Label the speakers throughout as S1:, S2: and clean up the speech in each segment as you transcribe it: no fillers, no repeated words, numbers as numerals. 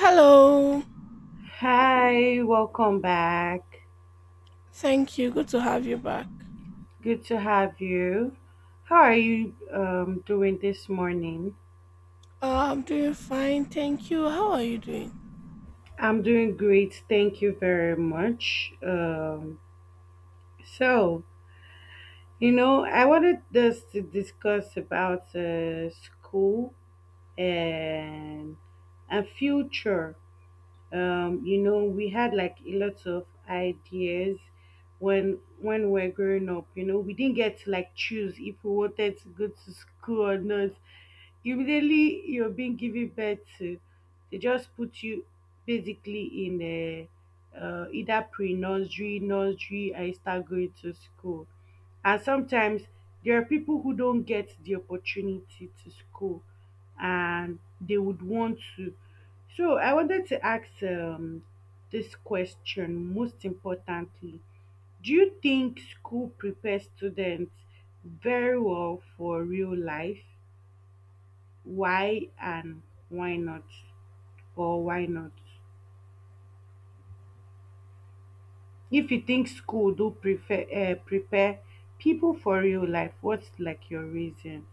S1: Hello.
S2: Hi, welcome back.
S1: Thank you. Good to have you back.
S2: Good to have you. How are you doing this morning?
S1: I'm doing fine. Thank you. How are you doing?
S2: I'm doing great. Thank you very much. So, I wanted us to discuss about school and future. You know, we had like a lot of ideas when we were growing up, you know, we didn't get to like choose if we wanted to go to school or not. Immediately you're being given birth to, they just put you basically in a either pre-nursery nursery and you start going to school. And sometimes there are people who don't get the opportunity to school and they would want to. So I wanted to ask, this question most importantly. Do you think school prepares students very well for real life? Why and why not? Or why not? If you think school do prefer prepare people for real life, what's like your reason?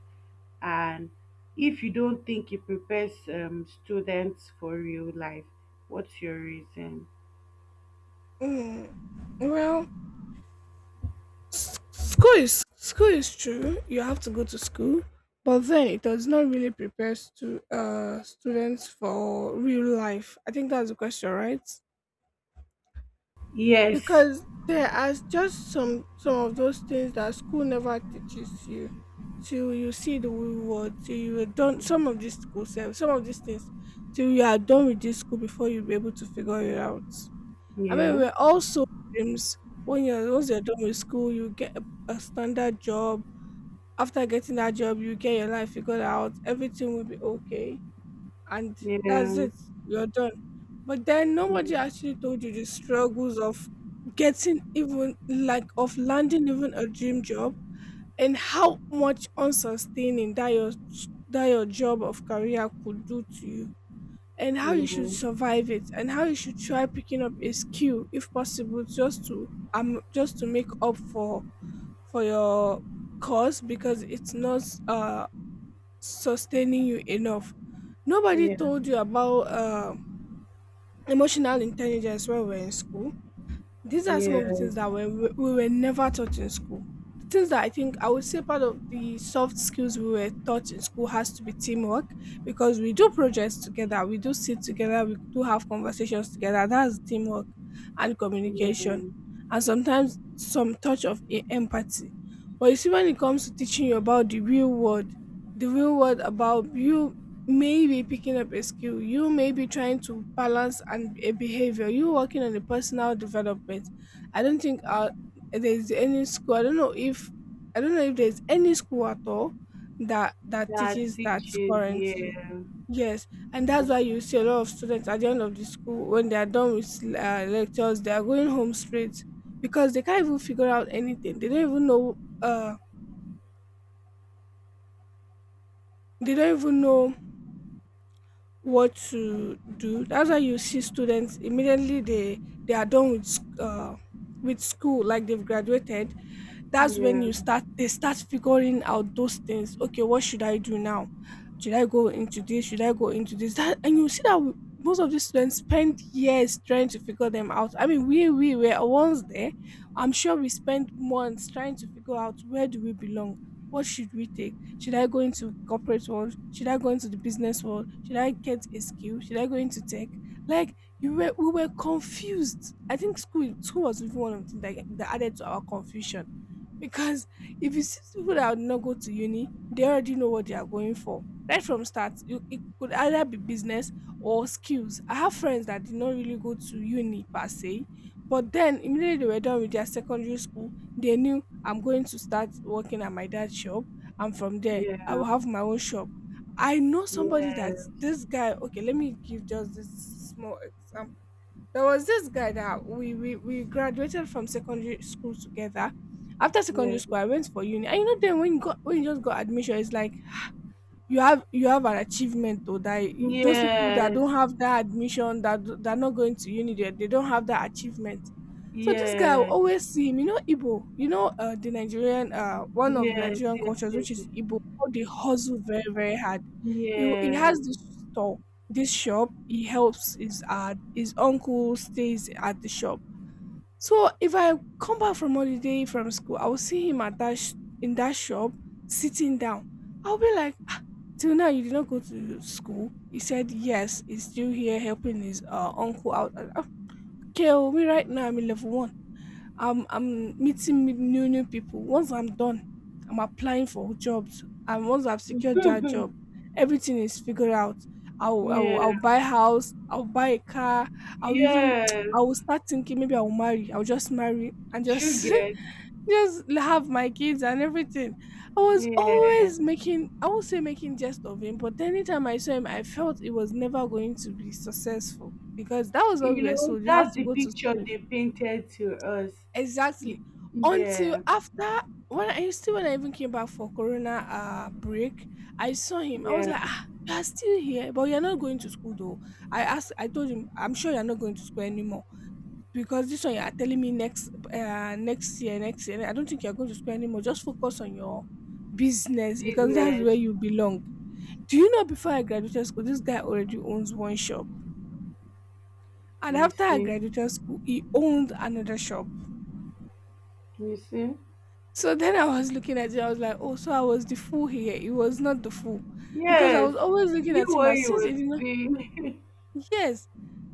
S2: And if you don't think it prepares students for real life, what's your reason?
S1: Mm. Well, school is true. You have to go to school, but then it does not really prepare to students for real life. I think that's the question, right?
S2: Yes.
S1: Because there are just some of those things that school never teaches you till you see the real world, till you are done some of these school self, some of these things till you are done with this school before you'll be able to figure it out. I mean,
S2: Yeah.
S1: we're also dreams. When you're once you're done with school, you get a standard job. After getting that job, you get your life figured out, everything will be okay, and
S2: Yeah.
S1: that's it, you're done. But then nobody actually told you the struggles of getting, even like, of landing even a dream job, and how much unsustaining that your, that your job of career could do to you, and how you should
S2: Yeah.
S1: survive it, and how you should try picking up a skill if possible, just to make up for your course, because it's not sustaining you enough. Nobody
S2: Yeah.
S1: told you about emotional intelligence when we're in school. These are some of
S2: Yeah.
S1: the things that were, we were never taught in school. The things that I think I would say part of the soft skills we were taught in school has to be teamwork, because we do projects together, we do sit together, we do have conversations together. That's teamwork and
S2: Yeah.
S1: communication, and sometimes some touch of empathy. But you see, when it comes to teaching you about the real world about you, may be picking up a skill, you may be trying to balance and a behavior, you working on a personal development. I don't think there's any school. I don't know if there's any school at all that
S2: That
S1: teaches that
S2: teaches.
S1: currently.
S2: Yeah.
S1: Yes, and that's why you see a lot of students at the end of the school, when they are done with lectures, they are going home straight, because they can't even figure out anything. They don't even know. Uh, they don't even know what to do. That's why you see students immediately, they are done with with school, like they've graduated. That's when
S2: Yeah.
S1: you start they start figuring out those things. Okay, what should I do now? Should I go into this, should I go into this that? And you see that most of these students spend years trying to figure them out. I mean, we were once there. I'm sure we spent months trying to figure out, where do we belong? What should we take? Should I go into corporate world, should I go into the business world, should I get a skill, should I go into tech? Like, you were we were confused. I think school was even one of the things that added to our confusion, because if you see people that would not go to uni, they already know what they are going for. Right from start, you, it could either be business or skills. I have friends that did not really go to uni per se, but then immediately they were done with their secondary school, they knew, I'm going to start working at my dad's shop, and from there, I
S2: Yeah.
S1: will have my own shop. I know somebody,
S2: Yes.
S1: that this guy, okay, let me give just this small example. There was this guy that we graduated from secondary school together. After
S2: Yes.
S1: secondary school, I went for uni. And you know, then when you just got admission, it's like you have an achievement, or that you- those people that
S2: Yes.
S1: don't have that admission, that that are not going to uni, they don't have that achievement. So this guy, I will
S2: Yes.
S1: always see him. You know Igbo, you know the Nigerian, one of the
S2: Yes.
S1: Nigerian cultures, which is Igbo, how they hustle very, very hard. He, he
S2: Yes.
S1: has
S2: Yes.
S1: this store, this shop, he helps his uncle, stays at the shop. So if I come back from holiday from school, I will see him at that in that shop, sitting down. I'll be like, till now, you did not go to school? He said, yes, he's still here helping his uncle out. And, okay, oh, me right now, I'm in level one. I'm meeting new, new people. Once I'm done, I'm applying for jobs. And once I've secured
S2: Yes.
S1: that
S2: Yes.
S1: job, everything is figured out.
S2: Yes.
S1: I'll buy a house. I'll buy a car. I'll even,
S2: Yes.
S1: I will start thinking, maybe I'll marry. I'll just marry and
S2: You
S1: just just have my kids and everything. I was
S2: get.
S1: always making, I won't say making jest of him, but anytime I saw him, I felt it was never going to be successful, because that was what
S2: You
S1: we were
S2: know,
S1: sold. You have
S2: that's
S1: to
S2: the
S1: go to
S2: picture
S1: school.
S2: they painted to us. Y-
S1: Exactly. Until
S2: Yeah,
S1: after, when I still, when I even came back for Corona break, I saw him. I was
S2: yeah,
S1: like, ah, you are still here, but you're not going to school though. I asked, I told him, I'm sure you're not going to school anymore. Because this one you are telling me next next year, next year, I don't think you're going to school anymore. Just focus on your business, because that's where
S2: business.
S1: you belong. Do you know, before I graduated school, this guy already owns one shop. And
S2: You
S1: after I
S2: see,
S1: graduated school, he owned another shop.
S2: you see.
S1: So then I was looking at it, I was like, oh, so I was the fool here. He was not the fool. Because I
S2: Yes,
S1: was always
S2: he
S1: looking
S2: knew
S1: at him
S2: what
S1: as,
S2: he
S1: since
S2: was
S1: he did not,
S2: doing.
S1: yes,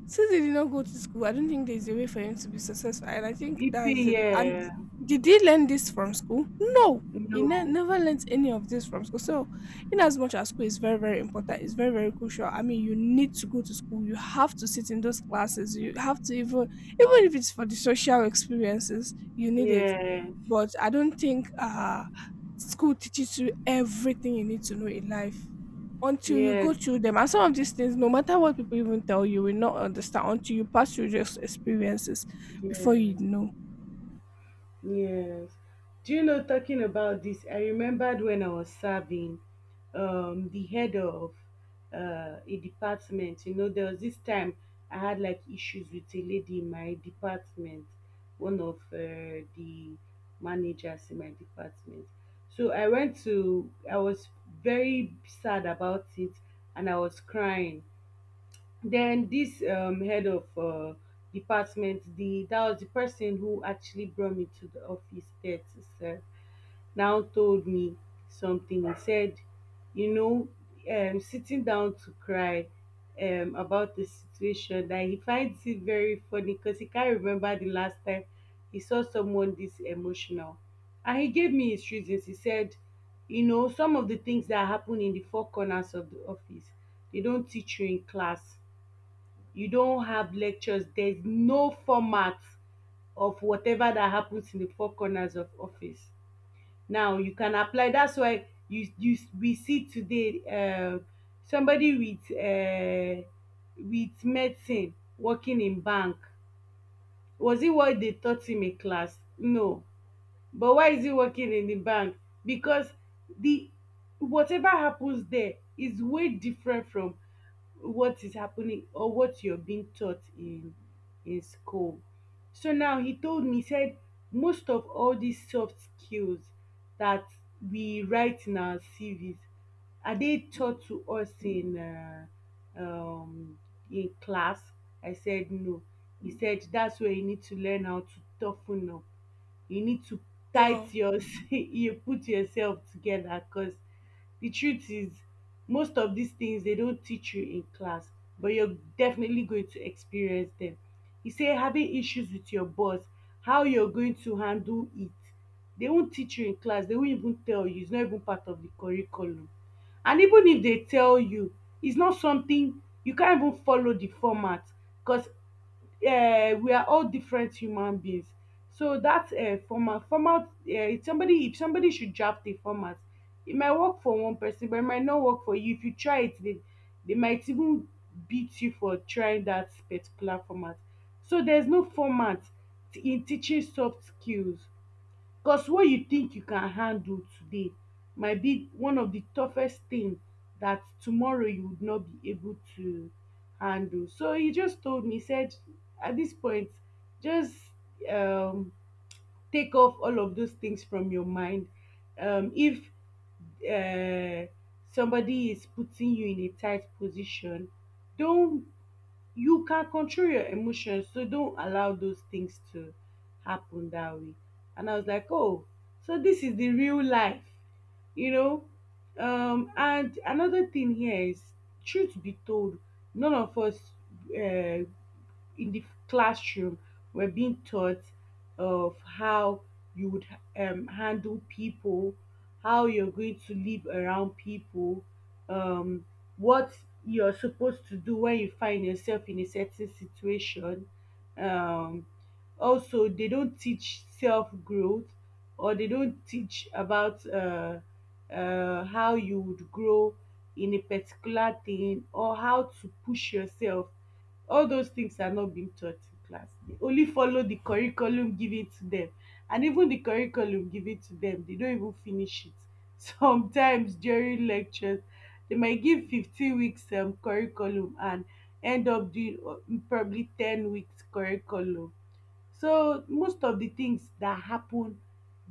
S1: since they did not go to school, I don't think there's a way for him to be successful. And I think
S2: EP,
S1: that's it. And
S2: yeah,
S1: did he learn this from school? No. He
S2: no,
S1: never learnt any of this from school. So, in as much as school is very, very important, it's very, very crucial. I mean, you need to go to school. You have to sit in those classes. You have to even, even if it's for the social experiences, you need it.
S2: yes,
S1: But I don't think school teaches you everything you need to know in life until you
S2: yes,
S1: go through them. And some of these things, no matter what people even tell you, you will not understand until you pass through those experiences before
S2: yes.
S1: you know.
S2: Yes. Do you know, talking about this, I remembered when I was serving the head of a department. You know, there was this time I had like issues with a lady in my department, one of the managers in my department. So I went to, I was very sad about it and I was crying. Then this head of department, the that was the person who actually brought me to the office there to serve, now told me something. He said, you know, sitting down to cry about the situation, that he finds it very funny because he can't remember the last time he saw someone this emotional. And he gave me his reasons. He said, you know, some of the things that happen in the four corners of the office, they don't teach you in class. You don have lectures, there is no format of whatever that happens in the four corners of office. Now you can apply. That's why you you we see today somebody with medicine working in bank. Was it what they taught him in class? No. But why is he working in the bank? Because the whatever happens there is way different from what is happening or what you're being taught in school. So now he told me, he said most of all these soft skills that we write in our CVs, are they taught to us um, in class? I said no. He said that's where you need to learn how to toughen up. You need to
S1: Wow.
S2: tight your you put yourself together because the truth is most of these things they don't teach you in class, but you're definitely going to experience them. He say having issues with your boss, how you're going to handle it, they won't teach you in class. They won't even tell you. It's not even part of the curriculum. And even if they tell you, it's not something you can't even follow the format, because we are all different human beings. So that format format somebody, if somebody should draft a format, it might work for one person but it might not work for you. If you try it they might even beat you for trying that particular format. So there's no format in teaching soft skills. Because what you think you can handle today might be one of the toughest thing that tomorrow you would not be able to handle. So he just told me, he said, at this point, just um, take off all of those things from your mind. If uh, somebody is putting you in a tight position, don't, you can control your emotions, so don't allow those things to happen that way. And I was like, oh, so this is the real life, you know. And another thing here is, truth be told, none of us, uh, in the classroom, were being taught of how you would handle people, how you're going to live around people, um, what you're supposed to do when you find yourself in a certain situation. Um, Also they don't teach self growth, or they don't teach about how you would grow in a particular thing or how to push yourself. All those things are not being taught in class. They only follow the curriculum given to them. And even the curriculum given to them they don't even finish it sometimes during lectures. They might give 15 weeks curriculum and end up doing probably 10 weeks curriculum. So most of the things that happen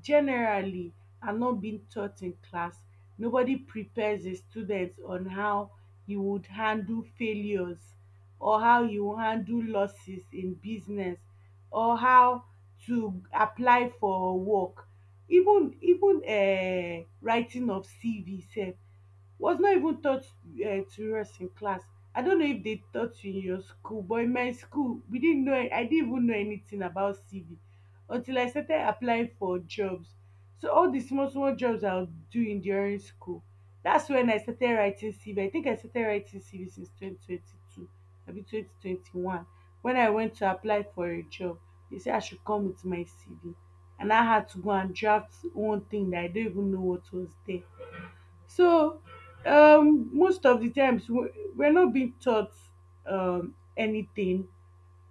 S2: generally are not being taught in class. Nobody prepares the students on how you would handle failures, or how you handle losses in business, or how to apply for work. Even writing of CV sef was not even taught to rest in class. I don't know if they taught you in your school, but in my school we didn't know. I didn't even know anything about CV until I started applying for jobs. So all the small small jobs I was doing during school, that's when I started writing CV. I think I started writing CV since 2022 abi 2021, when I went to apply for a job. They say I should come with my CV and I had to go and draft one thing that I don't even know what was there. So most of the times we're not being taught anything,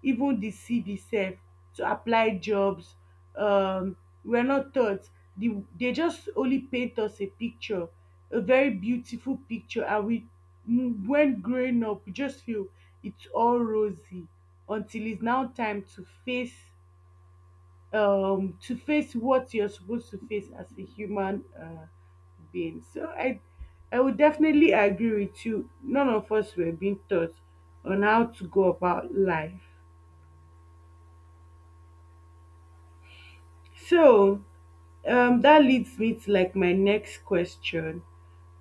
S2: even the CV self, to apply jobs. Um, we're not taught. They just only paint us a picture, a very beautiful picture, and we when growing up we just feel it's all rosy until it's now time to face what you're supposed to face as a human being. So I would definitely agree with you, none of us were being taught on how to go about life. So that leads me to like my next question.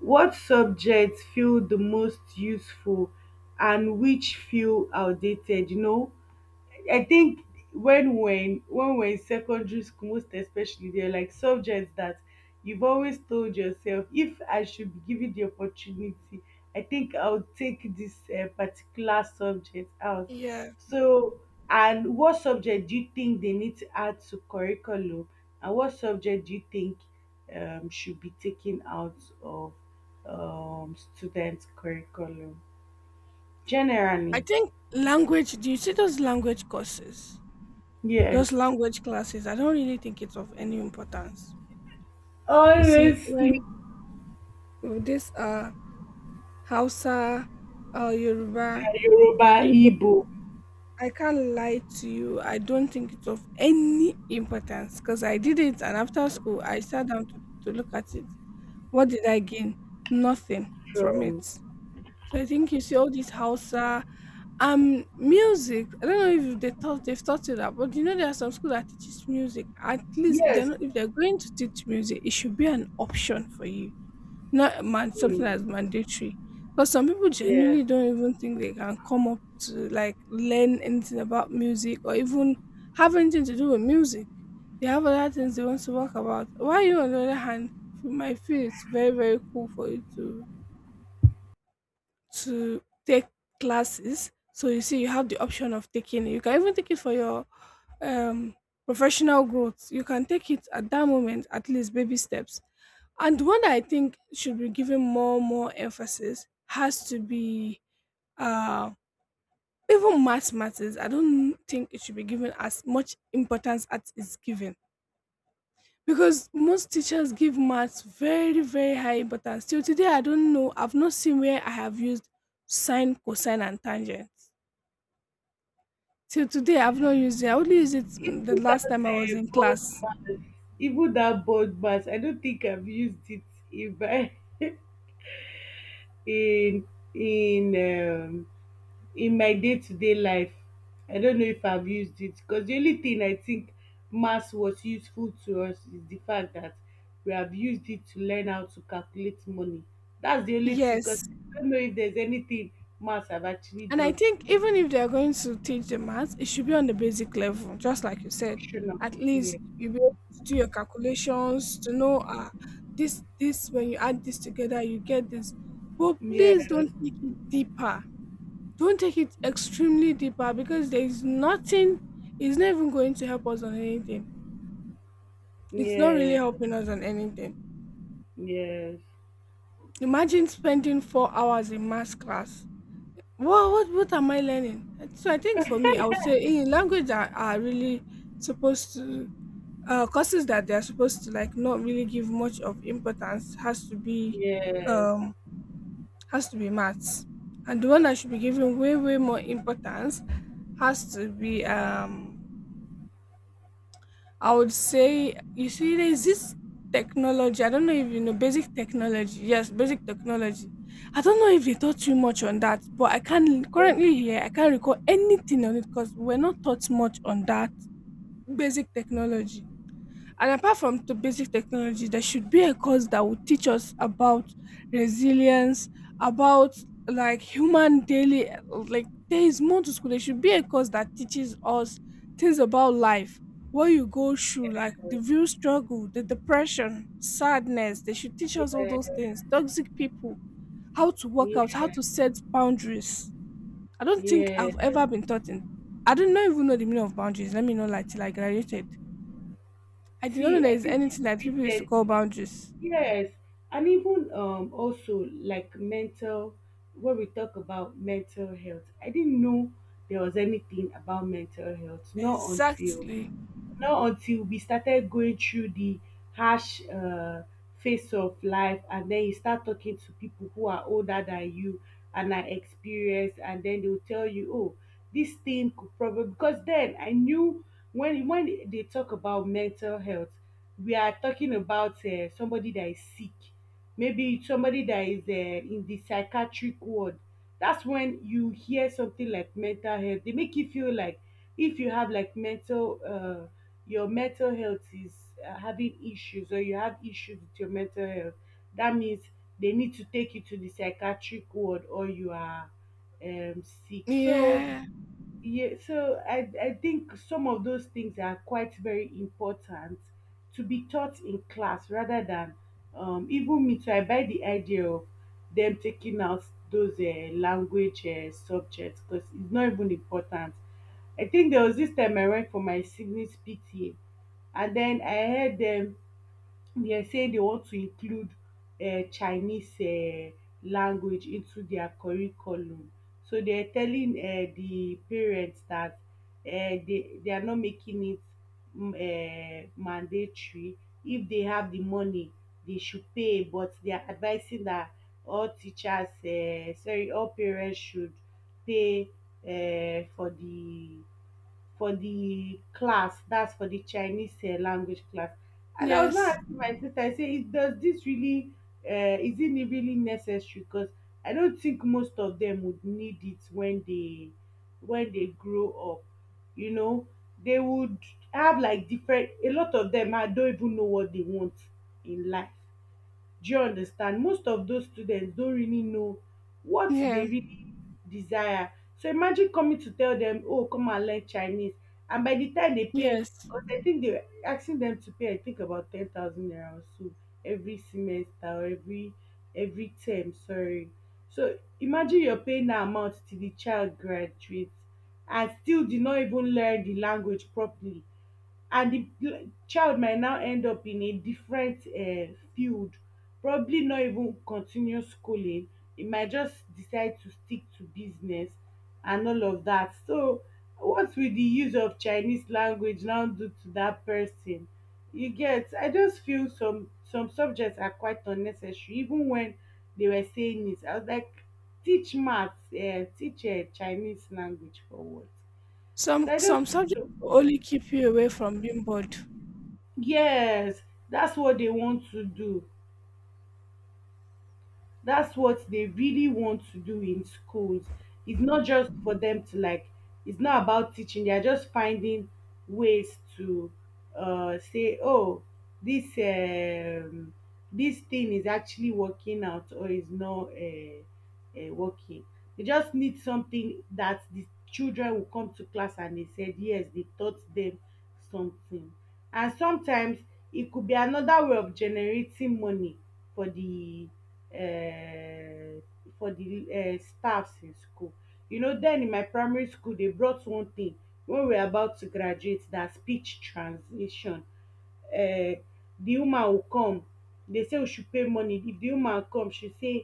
S2: What subjects feel the most useful and which feel outdated, you know? I think when we're in secondary school, most especially, they're like subjects that you've always told yourself, if I should be given the opportunity, I think I'll take this particular subject out.
S1: Yeah.
S2: So, and what subject do you think they need to add to curriculum, and what subject do you think should be taken out of students' curriculum?
S1: I
S2: Generally,
S1: think language, do you see those language courses? Those
S2: yes.
S1: language classes, I don't really think it's of any importance. You see,
S2: Honestly,
S1: when with this Hausa, Yoruba,
S2: Yoruba,
S1: Igbo,
S2: Igbo
S1: I can't lie to you. I don't think it's of any importance, because I did it, and after school, I sat down to look at it. What did I gain? Nothing from it.
S2: from
S1: So I think you see all these Hausa music. I don't know if they thought they've taught you that, but you know there are some schools that teaches music. At least if they're
S2: yes,
S1: not, if they're going to teach music, it should be an option for you. Not man, something that's
S2: mm,
S1: mandatory. Because some people
S2: yeah.
S1: genuinely don't even think they can come up to like learn anything about music, or even have anything to do with music. They have other things they want to talk about. Why you on the other hand, you might feel it's very, very cool for you to take classes. So you see, you have the option of taking it. You can even take it for your um professional growth. You can take it at that moment, at least baby steps. And the one that I think should be given more emphasis has to be uh even math matters. I don't think it should be given as much importance as it's given, because most teachers give maths very, very high importance. Till today I don't know, I've not seen where I have used sine, cosine and tangent. Till today I've not used it. I only used it mm, the
S2: Even that
S1: last time I was in
S2: board
S1: class.
S2: mask, I don't think I've used it in my in in um, in my day to day life. I don't know if I've used it because the only thing I think mass was useful to us is the fact that we have used it to learn how to calculate money. That's the only thing, because
S1: Yes.
S2: I don't know if there's anything mass have actually
S1: And I
S2: done to
S1: think even if they're going to teach the maths, it should be on the basic level, just like you said.
S2: Emotional,
S1: At
S2: yeah.
S1: least you'll be able to do your calculations to know this, this, when you add this together, you get this. But please
S2: Yes.
S1: don't take it deeper. Don't take it extremely deeper, because there is nothing, it's not even going to help us on anything. It's not really
S2: Yes.
S1: helping us on anything.
S2: Yes. Yes.
S1: Imagine spending 4 hours in math class. Well, what am I learning? So I think for me, I would say in language that are really supposed to courses that they are supposed to like not really give much of importance
S2: Yes.
S1: um has to be maths, and the one that should be given way more importance has to be I would say, you see, there's this technology. I don't know if you know basic technology. Yes, basic technology. I don't know if they taught you much on that, but I can't
S2: Yes.
S1: currently here. I can't recall anything on it because we're not taught much on that basic technology. And apart from the basic technology, there should be a course that would teach us about resilience, about like human daily, like there is more to school. There should be a course that teaches us things about life, what you go through, like the real struggle, the depression, sadness. They should teach us all those things. Toxic people, how to work
S2: Yes.
S1: out, how to set boundaries. I don't think
S2: Yeah.
S1: I've ever been taught in. I didn't know even know the meaning of boundaries. Let me know, like till I graduated. I did not know
S2: See, I
S1: there's
S2: think
S1: anything that
S2: you
S1: people used to
S2: said
S1: call
S2: it.
S1: boundaries.
S2: Yes, and even also like mental, when we talk about mental health, I didn't know there was anything about mental health, not until
S1: Exactly.
S2: we started going through the harsh phase of life and then you start talking to people who are older than you and are experienced, and then they will tell you, oh, this thing could probably, because then I knew when they talk about mental health, we are talking about somebody that is sick, maybe somebody that is in the psychiatric ward. That's when you hear something like mental health, they make you feel like if you have like mental your mental health is having issues, or you have issues with your mental health, that means they need to take you to the psychiatric ward or you are um, sick. So
S1: Yeah.
S2: yeah, so I think some of those things are quite very important to be taught in class rather than even me. So I buy the idea of them taking out those language subjects because it's not even important. I think there was this time I went for my siblings' PTA and then I heard them, they are saying they want to include Chinese language into their curriculum. So they're telling the parents that they are not making it mm, mandatory. If they have the money, they should pay, but they are advising that all teachers, sorry, all parents should pay uh, for the for the class that's for the Chinese language class. And I was not
S1: Yes.
S2: asking my sister, I say, "Is- does this really is it really necessary? Because I don think most of dem would need it when they grow up. you know they would have, like, different, a lot of them. I don't even know what they want in life. Do you understand? Most of those students don't really know what they
S1: Yeah.
S2: really desire." So imagine coming to tell them, oh, come and learn Chinese. And by the time they pay,
S1: Yes.
S2: because I think they're asking them to pay, I think about 10,000 naira or so every semester, or every term, sorry. So imagine you're paying that amount till the child graduates and still did not even learn the language properly. And the child might now end up in a different field, probably not even continue schooling. It might just decide to stick to business and all of that. So what will the use of Chinese language now do to that person? You get? I just feel some subjects are quite unnecessary. Even when they were saying it, I was like, teach maths, teach Chinese language for what? So
S1: Some
S2: I just
S1: some
S2: feel
S1: subjects
S2: so.
S1: will only keep you away from being bored.
S2: Yes, that's what they want to do. That's what they really want to do in schools. It's not just for them to like, it's not about teaching. They are just finding ways to say, oh, this um, this thing is actually working out or is not working. They just need something that the children will come to class and they said, yes, they taught them something. And sometimes it could be another way of generating money for the um staffs in school. Then in my primary school they brought one thing when we are about to graduate. That speech translation. um The woman will come, they say we should pay money. If the woman come, she say,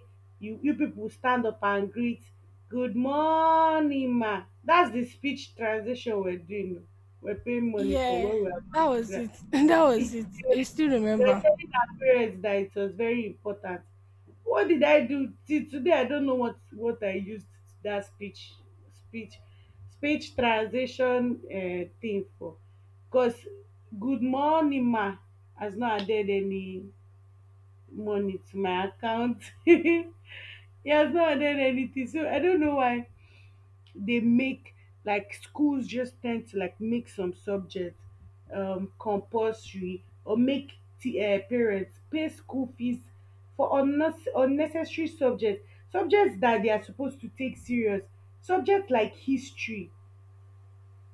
S2: you people stand up and greet, good morning ma. That's the speech translation we are doing, we are paying money for when
S1: Yeah.
S2: we are about
S1: That
S2: to
S1: was it.
S2: graduate.
S1: That was it. You still
S2: They were
S1: remember.
S2: telling our parents that it was very important. What did I do? Till today, I don't know what I used that speech speech transition thing for. Cause good morning ma has not added any money to my account. He has not added anything, so I don't know why they make, like, schools just tend to like make some subjects compulsory, or make t parents pay school fees for unnecessary subjects, subjects that they are supposed to take serious. Subjects like history,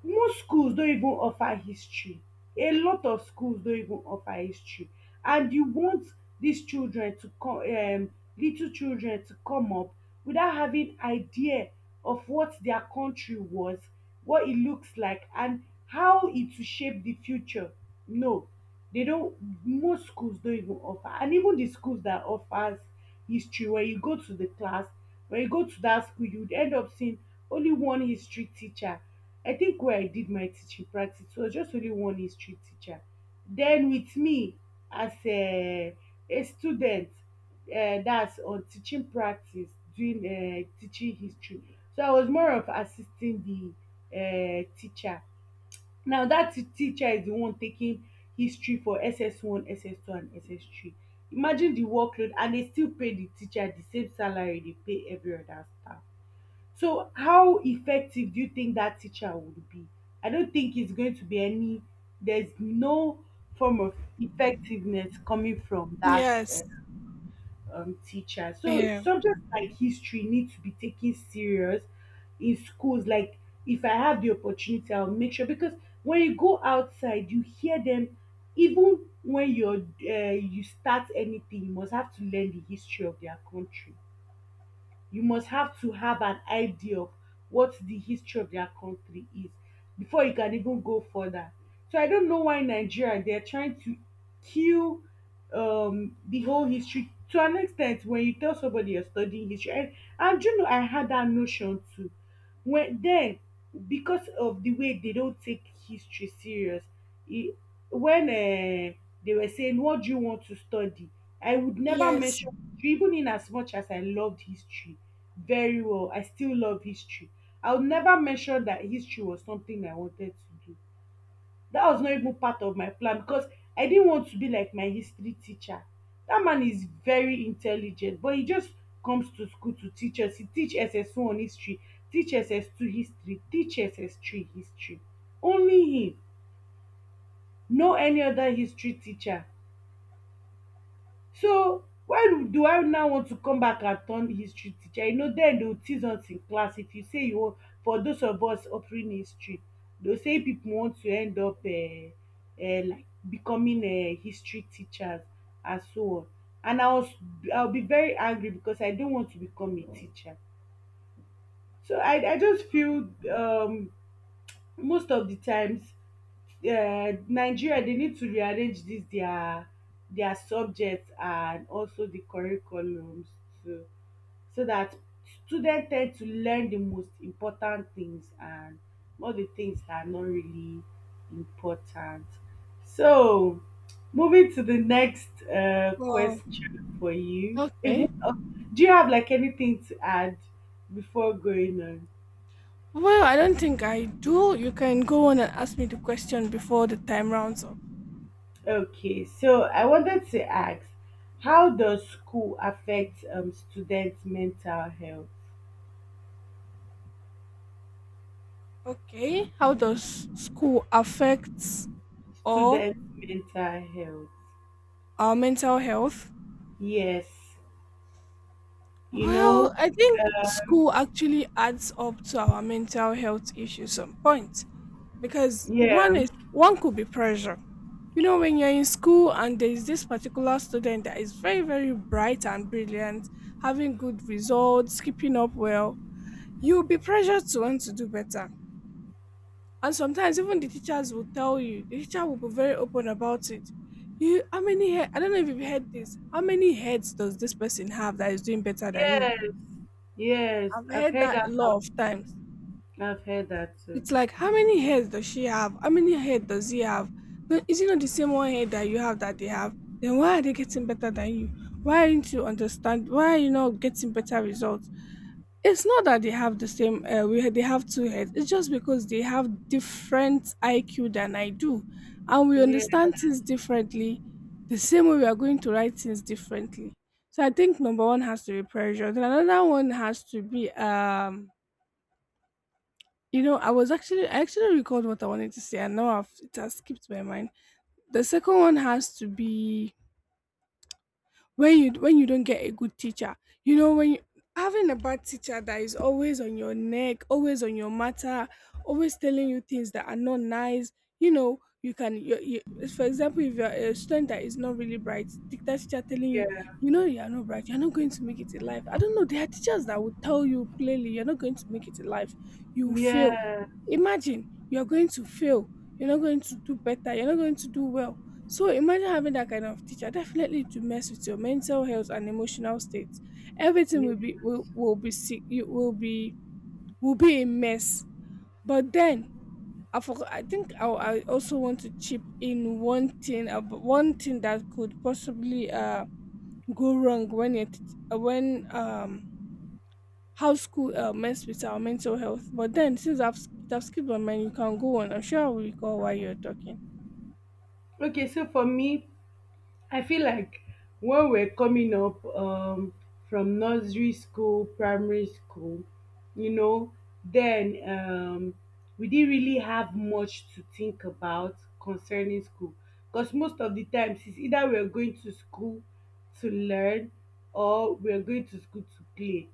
S2: most schools don even offer history. A lot of schools don even offer history. And you want dis children to come, little children to come up without having idea of what their country was, what it looks like and how it will shape the future. No, they don't. Most schools don't even offer, and even the schools that offers history, when you go to the class, when you go to that school, you would end up seeing only one history teacher. I think where I did my teaching practice was just only one history teacher, then with me as a student, that's on teaching practice doing teaching history. So I was more of assisting the teacher. Now that teacher is the one taking history for SS1, SS2 and SS3. Imagine the workload, and they still pay the teacher the same salary they pay every other staff. So how effective do you think that teacher would be? I don't think it's going to be any, there's no form of effectiveness coming from that
S1: Yes.
S2: teacher. So
S1: Yeah.
S2: subjects like history need to be taken serious in schools. Like, if I have the opportunity, I'll make sure, because when you go outside, you hear them. Even when you start anything, you must have to learn the history of their country. You must have to have an idea of what the history of their country is before you can even go further. So I don't know why Nigeria they're trying to kill the whole history to an extent. When you tell somebody you're studying history, and you know I had that notion too. When then, because of the way they don't take history serious, when they were saying, "What do you want to study?" I would never
S1: Yes.
S2: mention history, even in as much as I loved history very well. I still love history. I would never mention that history was something I wanted to do. That was not even part of my plan, because I didn't want to be like my history teacher. That man is very intelligent, but he just comes to school to teach us. He teach S S one history, teach S S 2 history, teach S S 3 history. Only him. No any other history teacher. So when do I now want to come back and turn history teacher? Dem dey will tease us in class if you say you wan. For those of us offering history, dey will say pipu want to end up like becoming history teachers and so on. And I will be very angry because I don't want to become a teacher. So I just feel um most of the times, Nigeria they need to rearrange this their subjects and also the curriculums too, so that students tend to learn the most important things and all the things that are not really important. So, moving to the next
S1: Wow.
S2: question for you.
S1: Okay.
S2: Do you have like anything to add before going on?
S1: Well, I don't think I do. You can go on and ask me the question before the time rounds up.
S2: Okay, so I wanted to ask, how does school affect students' mental health?
S1: Okay. How does school affect or
S2: Students' mental health.
S1: our mental health?
S2: Yes, you
S1: Well,
S2: know.
S1: I think school actually adds up to our mental health issues some point because
S2: Yeah.
S1: one could be pressure. You know, when you're in school and there is this particular student that is very, very bright and brilliant, having good results, keeping up well, you'll be pressured to want to do better. And sometimes even the teachers will tell you, the teacher will be very open about it. You how many head I don't know if you've heard this. How many heads does this person have that is doing better than you?
S2: Yes. Yes,
S1: I've
S2: I've
S1: heard
S2: heard
S1: that
S2: that.
S1: a lot of times.
S2: I've heard that too.
S1: It's like, how many heads does she have? How many heads does he have? No, is it not the same one head that you have that they have? Then why are they getting better than you? Why aren't you understand? Why are you not getting better results? It's not that they have the same. We they have two heads. It's just because they have different IQ than I do, and we
S2: Yeah,
S1: understand things differently. The same way we are going to write things differently. So I think number one has to be pressure. Then another one has to be you know, I actually recalled what I wanted to say, and now it has skipped my mind. The second one has to be when you don't get a good teacher, you know having a bad teacher that is always on your neck, always on your matter, always telling you things that are not nice. You know you, for example, if you're a student that is not really bright, the teacher telling
S2: yeah,
S1: you, you know, you are not bright, you're not going to make it in life. I don't know, there are teachers that will tell you plainly you're not going to make it in life, you will fail.
S2: yeah.
S1: Imagine you're going to fail, you're not going to do better, you're not going to do well. So imagine having that kind of teacher, definitely to mess with your mental health and emotional state. Everything
S2: Yeah.
S1: will be sick, you will be, will be a mess. But then I forgot, I think I also want to chip in one thing about one thing that could possibly go wrong when it when how school mess with our mental health. But then since I've it have skipped my mind, you can go on. I'm sure I will recall while you're talking.
S2: Okay, so for me, I feel like when we're coming up from nursery school, primary school, you know, then we didn't really have much to think about concerning school, because most of the times it's either we're going to school to learn or we're going to school to play,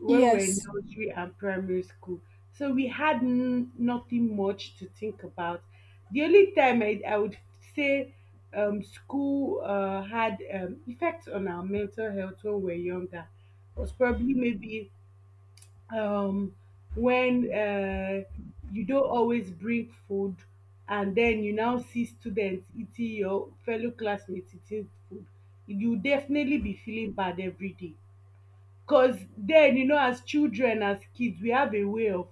S2: when we were in
S1: Yes,
S2: nursery and primary school. So we had nothing much to think about. The only time I would say school had effects on our mental health when we're younger was probably maybe um, when you don't always bring food, and then you now see students eating, your fellow classmates eating food. You definitely be feeling bad every day. 'Cause then, as children, as kids, we have a way of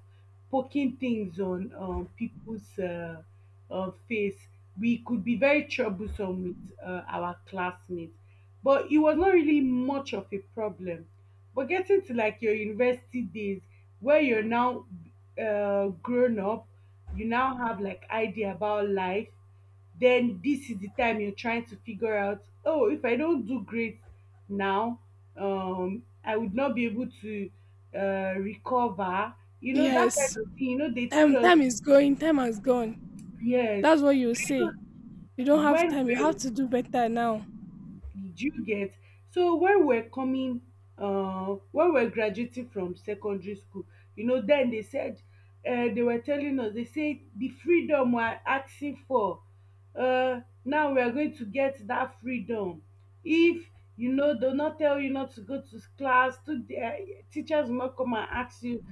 S2: poking things on people's face. We could be very troublesome with our classmates, but it was not really much of a problem. But getting to like your university days, where you're now grown up, you now have like idea about life. Then this is the time you're trying to figure out, oh, if I don't do great now, I would not be able to recover. That kind
S1: yes.
S2: of thing. They told
S1: Time,
S2: us
S1: time is going. Time has gone.
S2: yes.
S1: That's what you
S2: you know
S1: say. You don't have
S2: when
S1: time. You have
S2: we,
S1: to do better now.
S2: did you get? So when we're coming, when we're graduating from secondary school, then they said, they were telling us, they said, the freedom we're asking for, now we are going to get that freedom. If they will not tell you not to go to class. Teachers will not come and ask you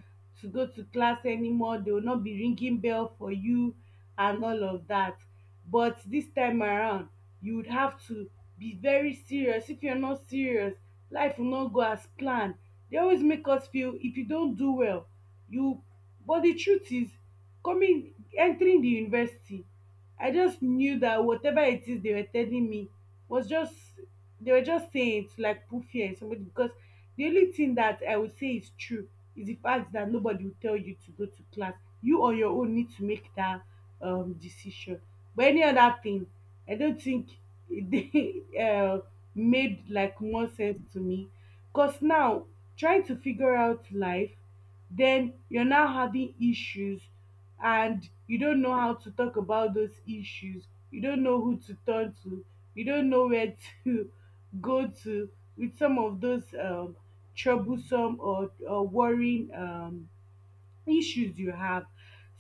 S2: to go to class anymore. They will not be ringing bell for you and all of that. But this time around, you would have to be very serious. If you're not serious, life will not go as planned. They always make us feel if you don't do well, you. But the truth is, coming entering the university, I just knew that whatever it is they were telling me was just, they were just saying it to, like, put fear in somebody, because the only thing that I would say is true is the fact that nobody will tell you to go to class. You on your own need to make that decision. But any other thing, I don't think it they made, like, more sense to me. Because now, trying to figure out life, then you're now having issues and you don't know how to talk about those issues. You don't know who to turn to. You don't know where to go to with some of those troublesome or worrying issues you have.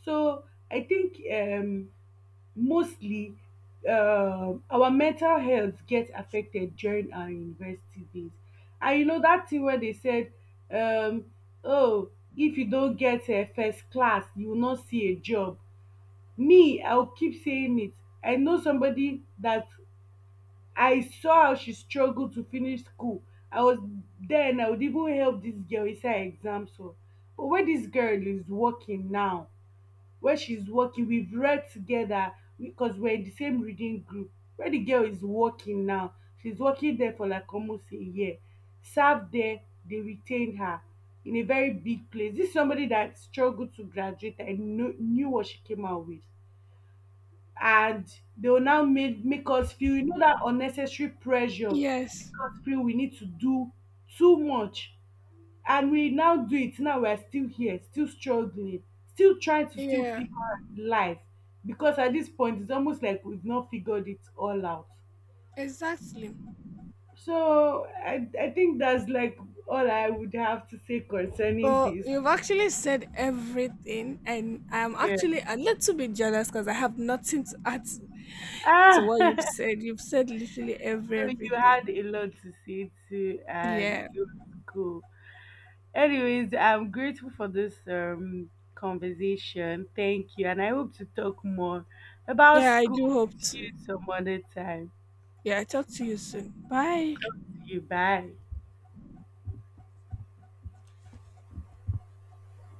S2: So I think mostly our mental health get affected during our university days. And you know that thing wey dey said, um "oh if you don get first class you will not see a job", me I will keep saying it. I know somebody that, I saw how she struggle to finish school. I was there and I would even help dis girl inside exams oo. But where dis girl is working now, where she's working, we've read together because we're in the same reading group. Where the girl is working now, she's working there for like almost a year, served there, they retained her in a very big place. This is somebody that struggled to graduate and knew what she came out with. And they will now make us feel, that unnecessary pressure, make
S1: Yes.
S2: us feel we need to do too much, and we now do it, now we're still here, still struggling, still trying to still
S1: Yeah.
S2: figure out life, because at this point it's almost like we've not figured it all out.
S1: Exactly.
S2: So I think that's like all I would have to say concerning
S1: Well,
S2: this.
S1: you've actually said everything, and I'm
S2: Yeah.
S1: actually a little bit jealous because I have nothing to add
S2: Ah,
S1: to what you've
S2: so
S1: said. You've said literally every
S2: you
S1: everything.
S2: had a lot to say too and
S1: Yeah.
S2: it was cool. Anyways, I'm grateful for this conversation, thank you and I hope to talk more about
S1: Yeah, I
S2: school
S1: do hope
S2: with
S1: to.
S2: you some other time.
S1: Yeah, I talk to you soon. Bye.
S2: You bet.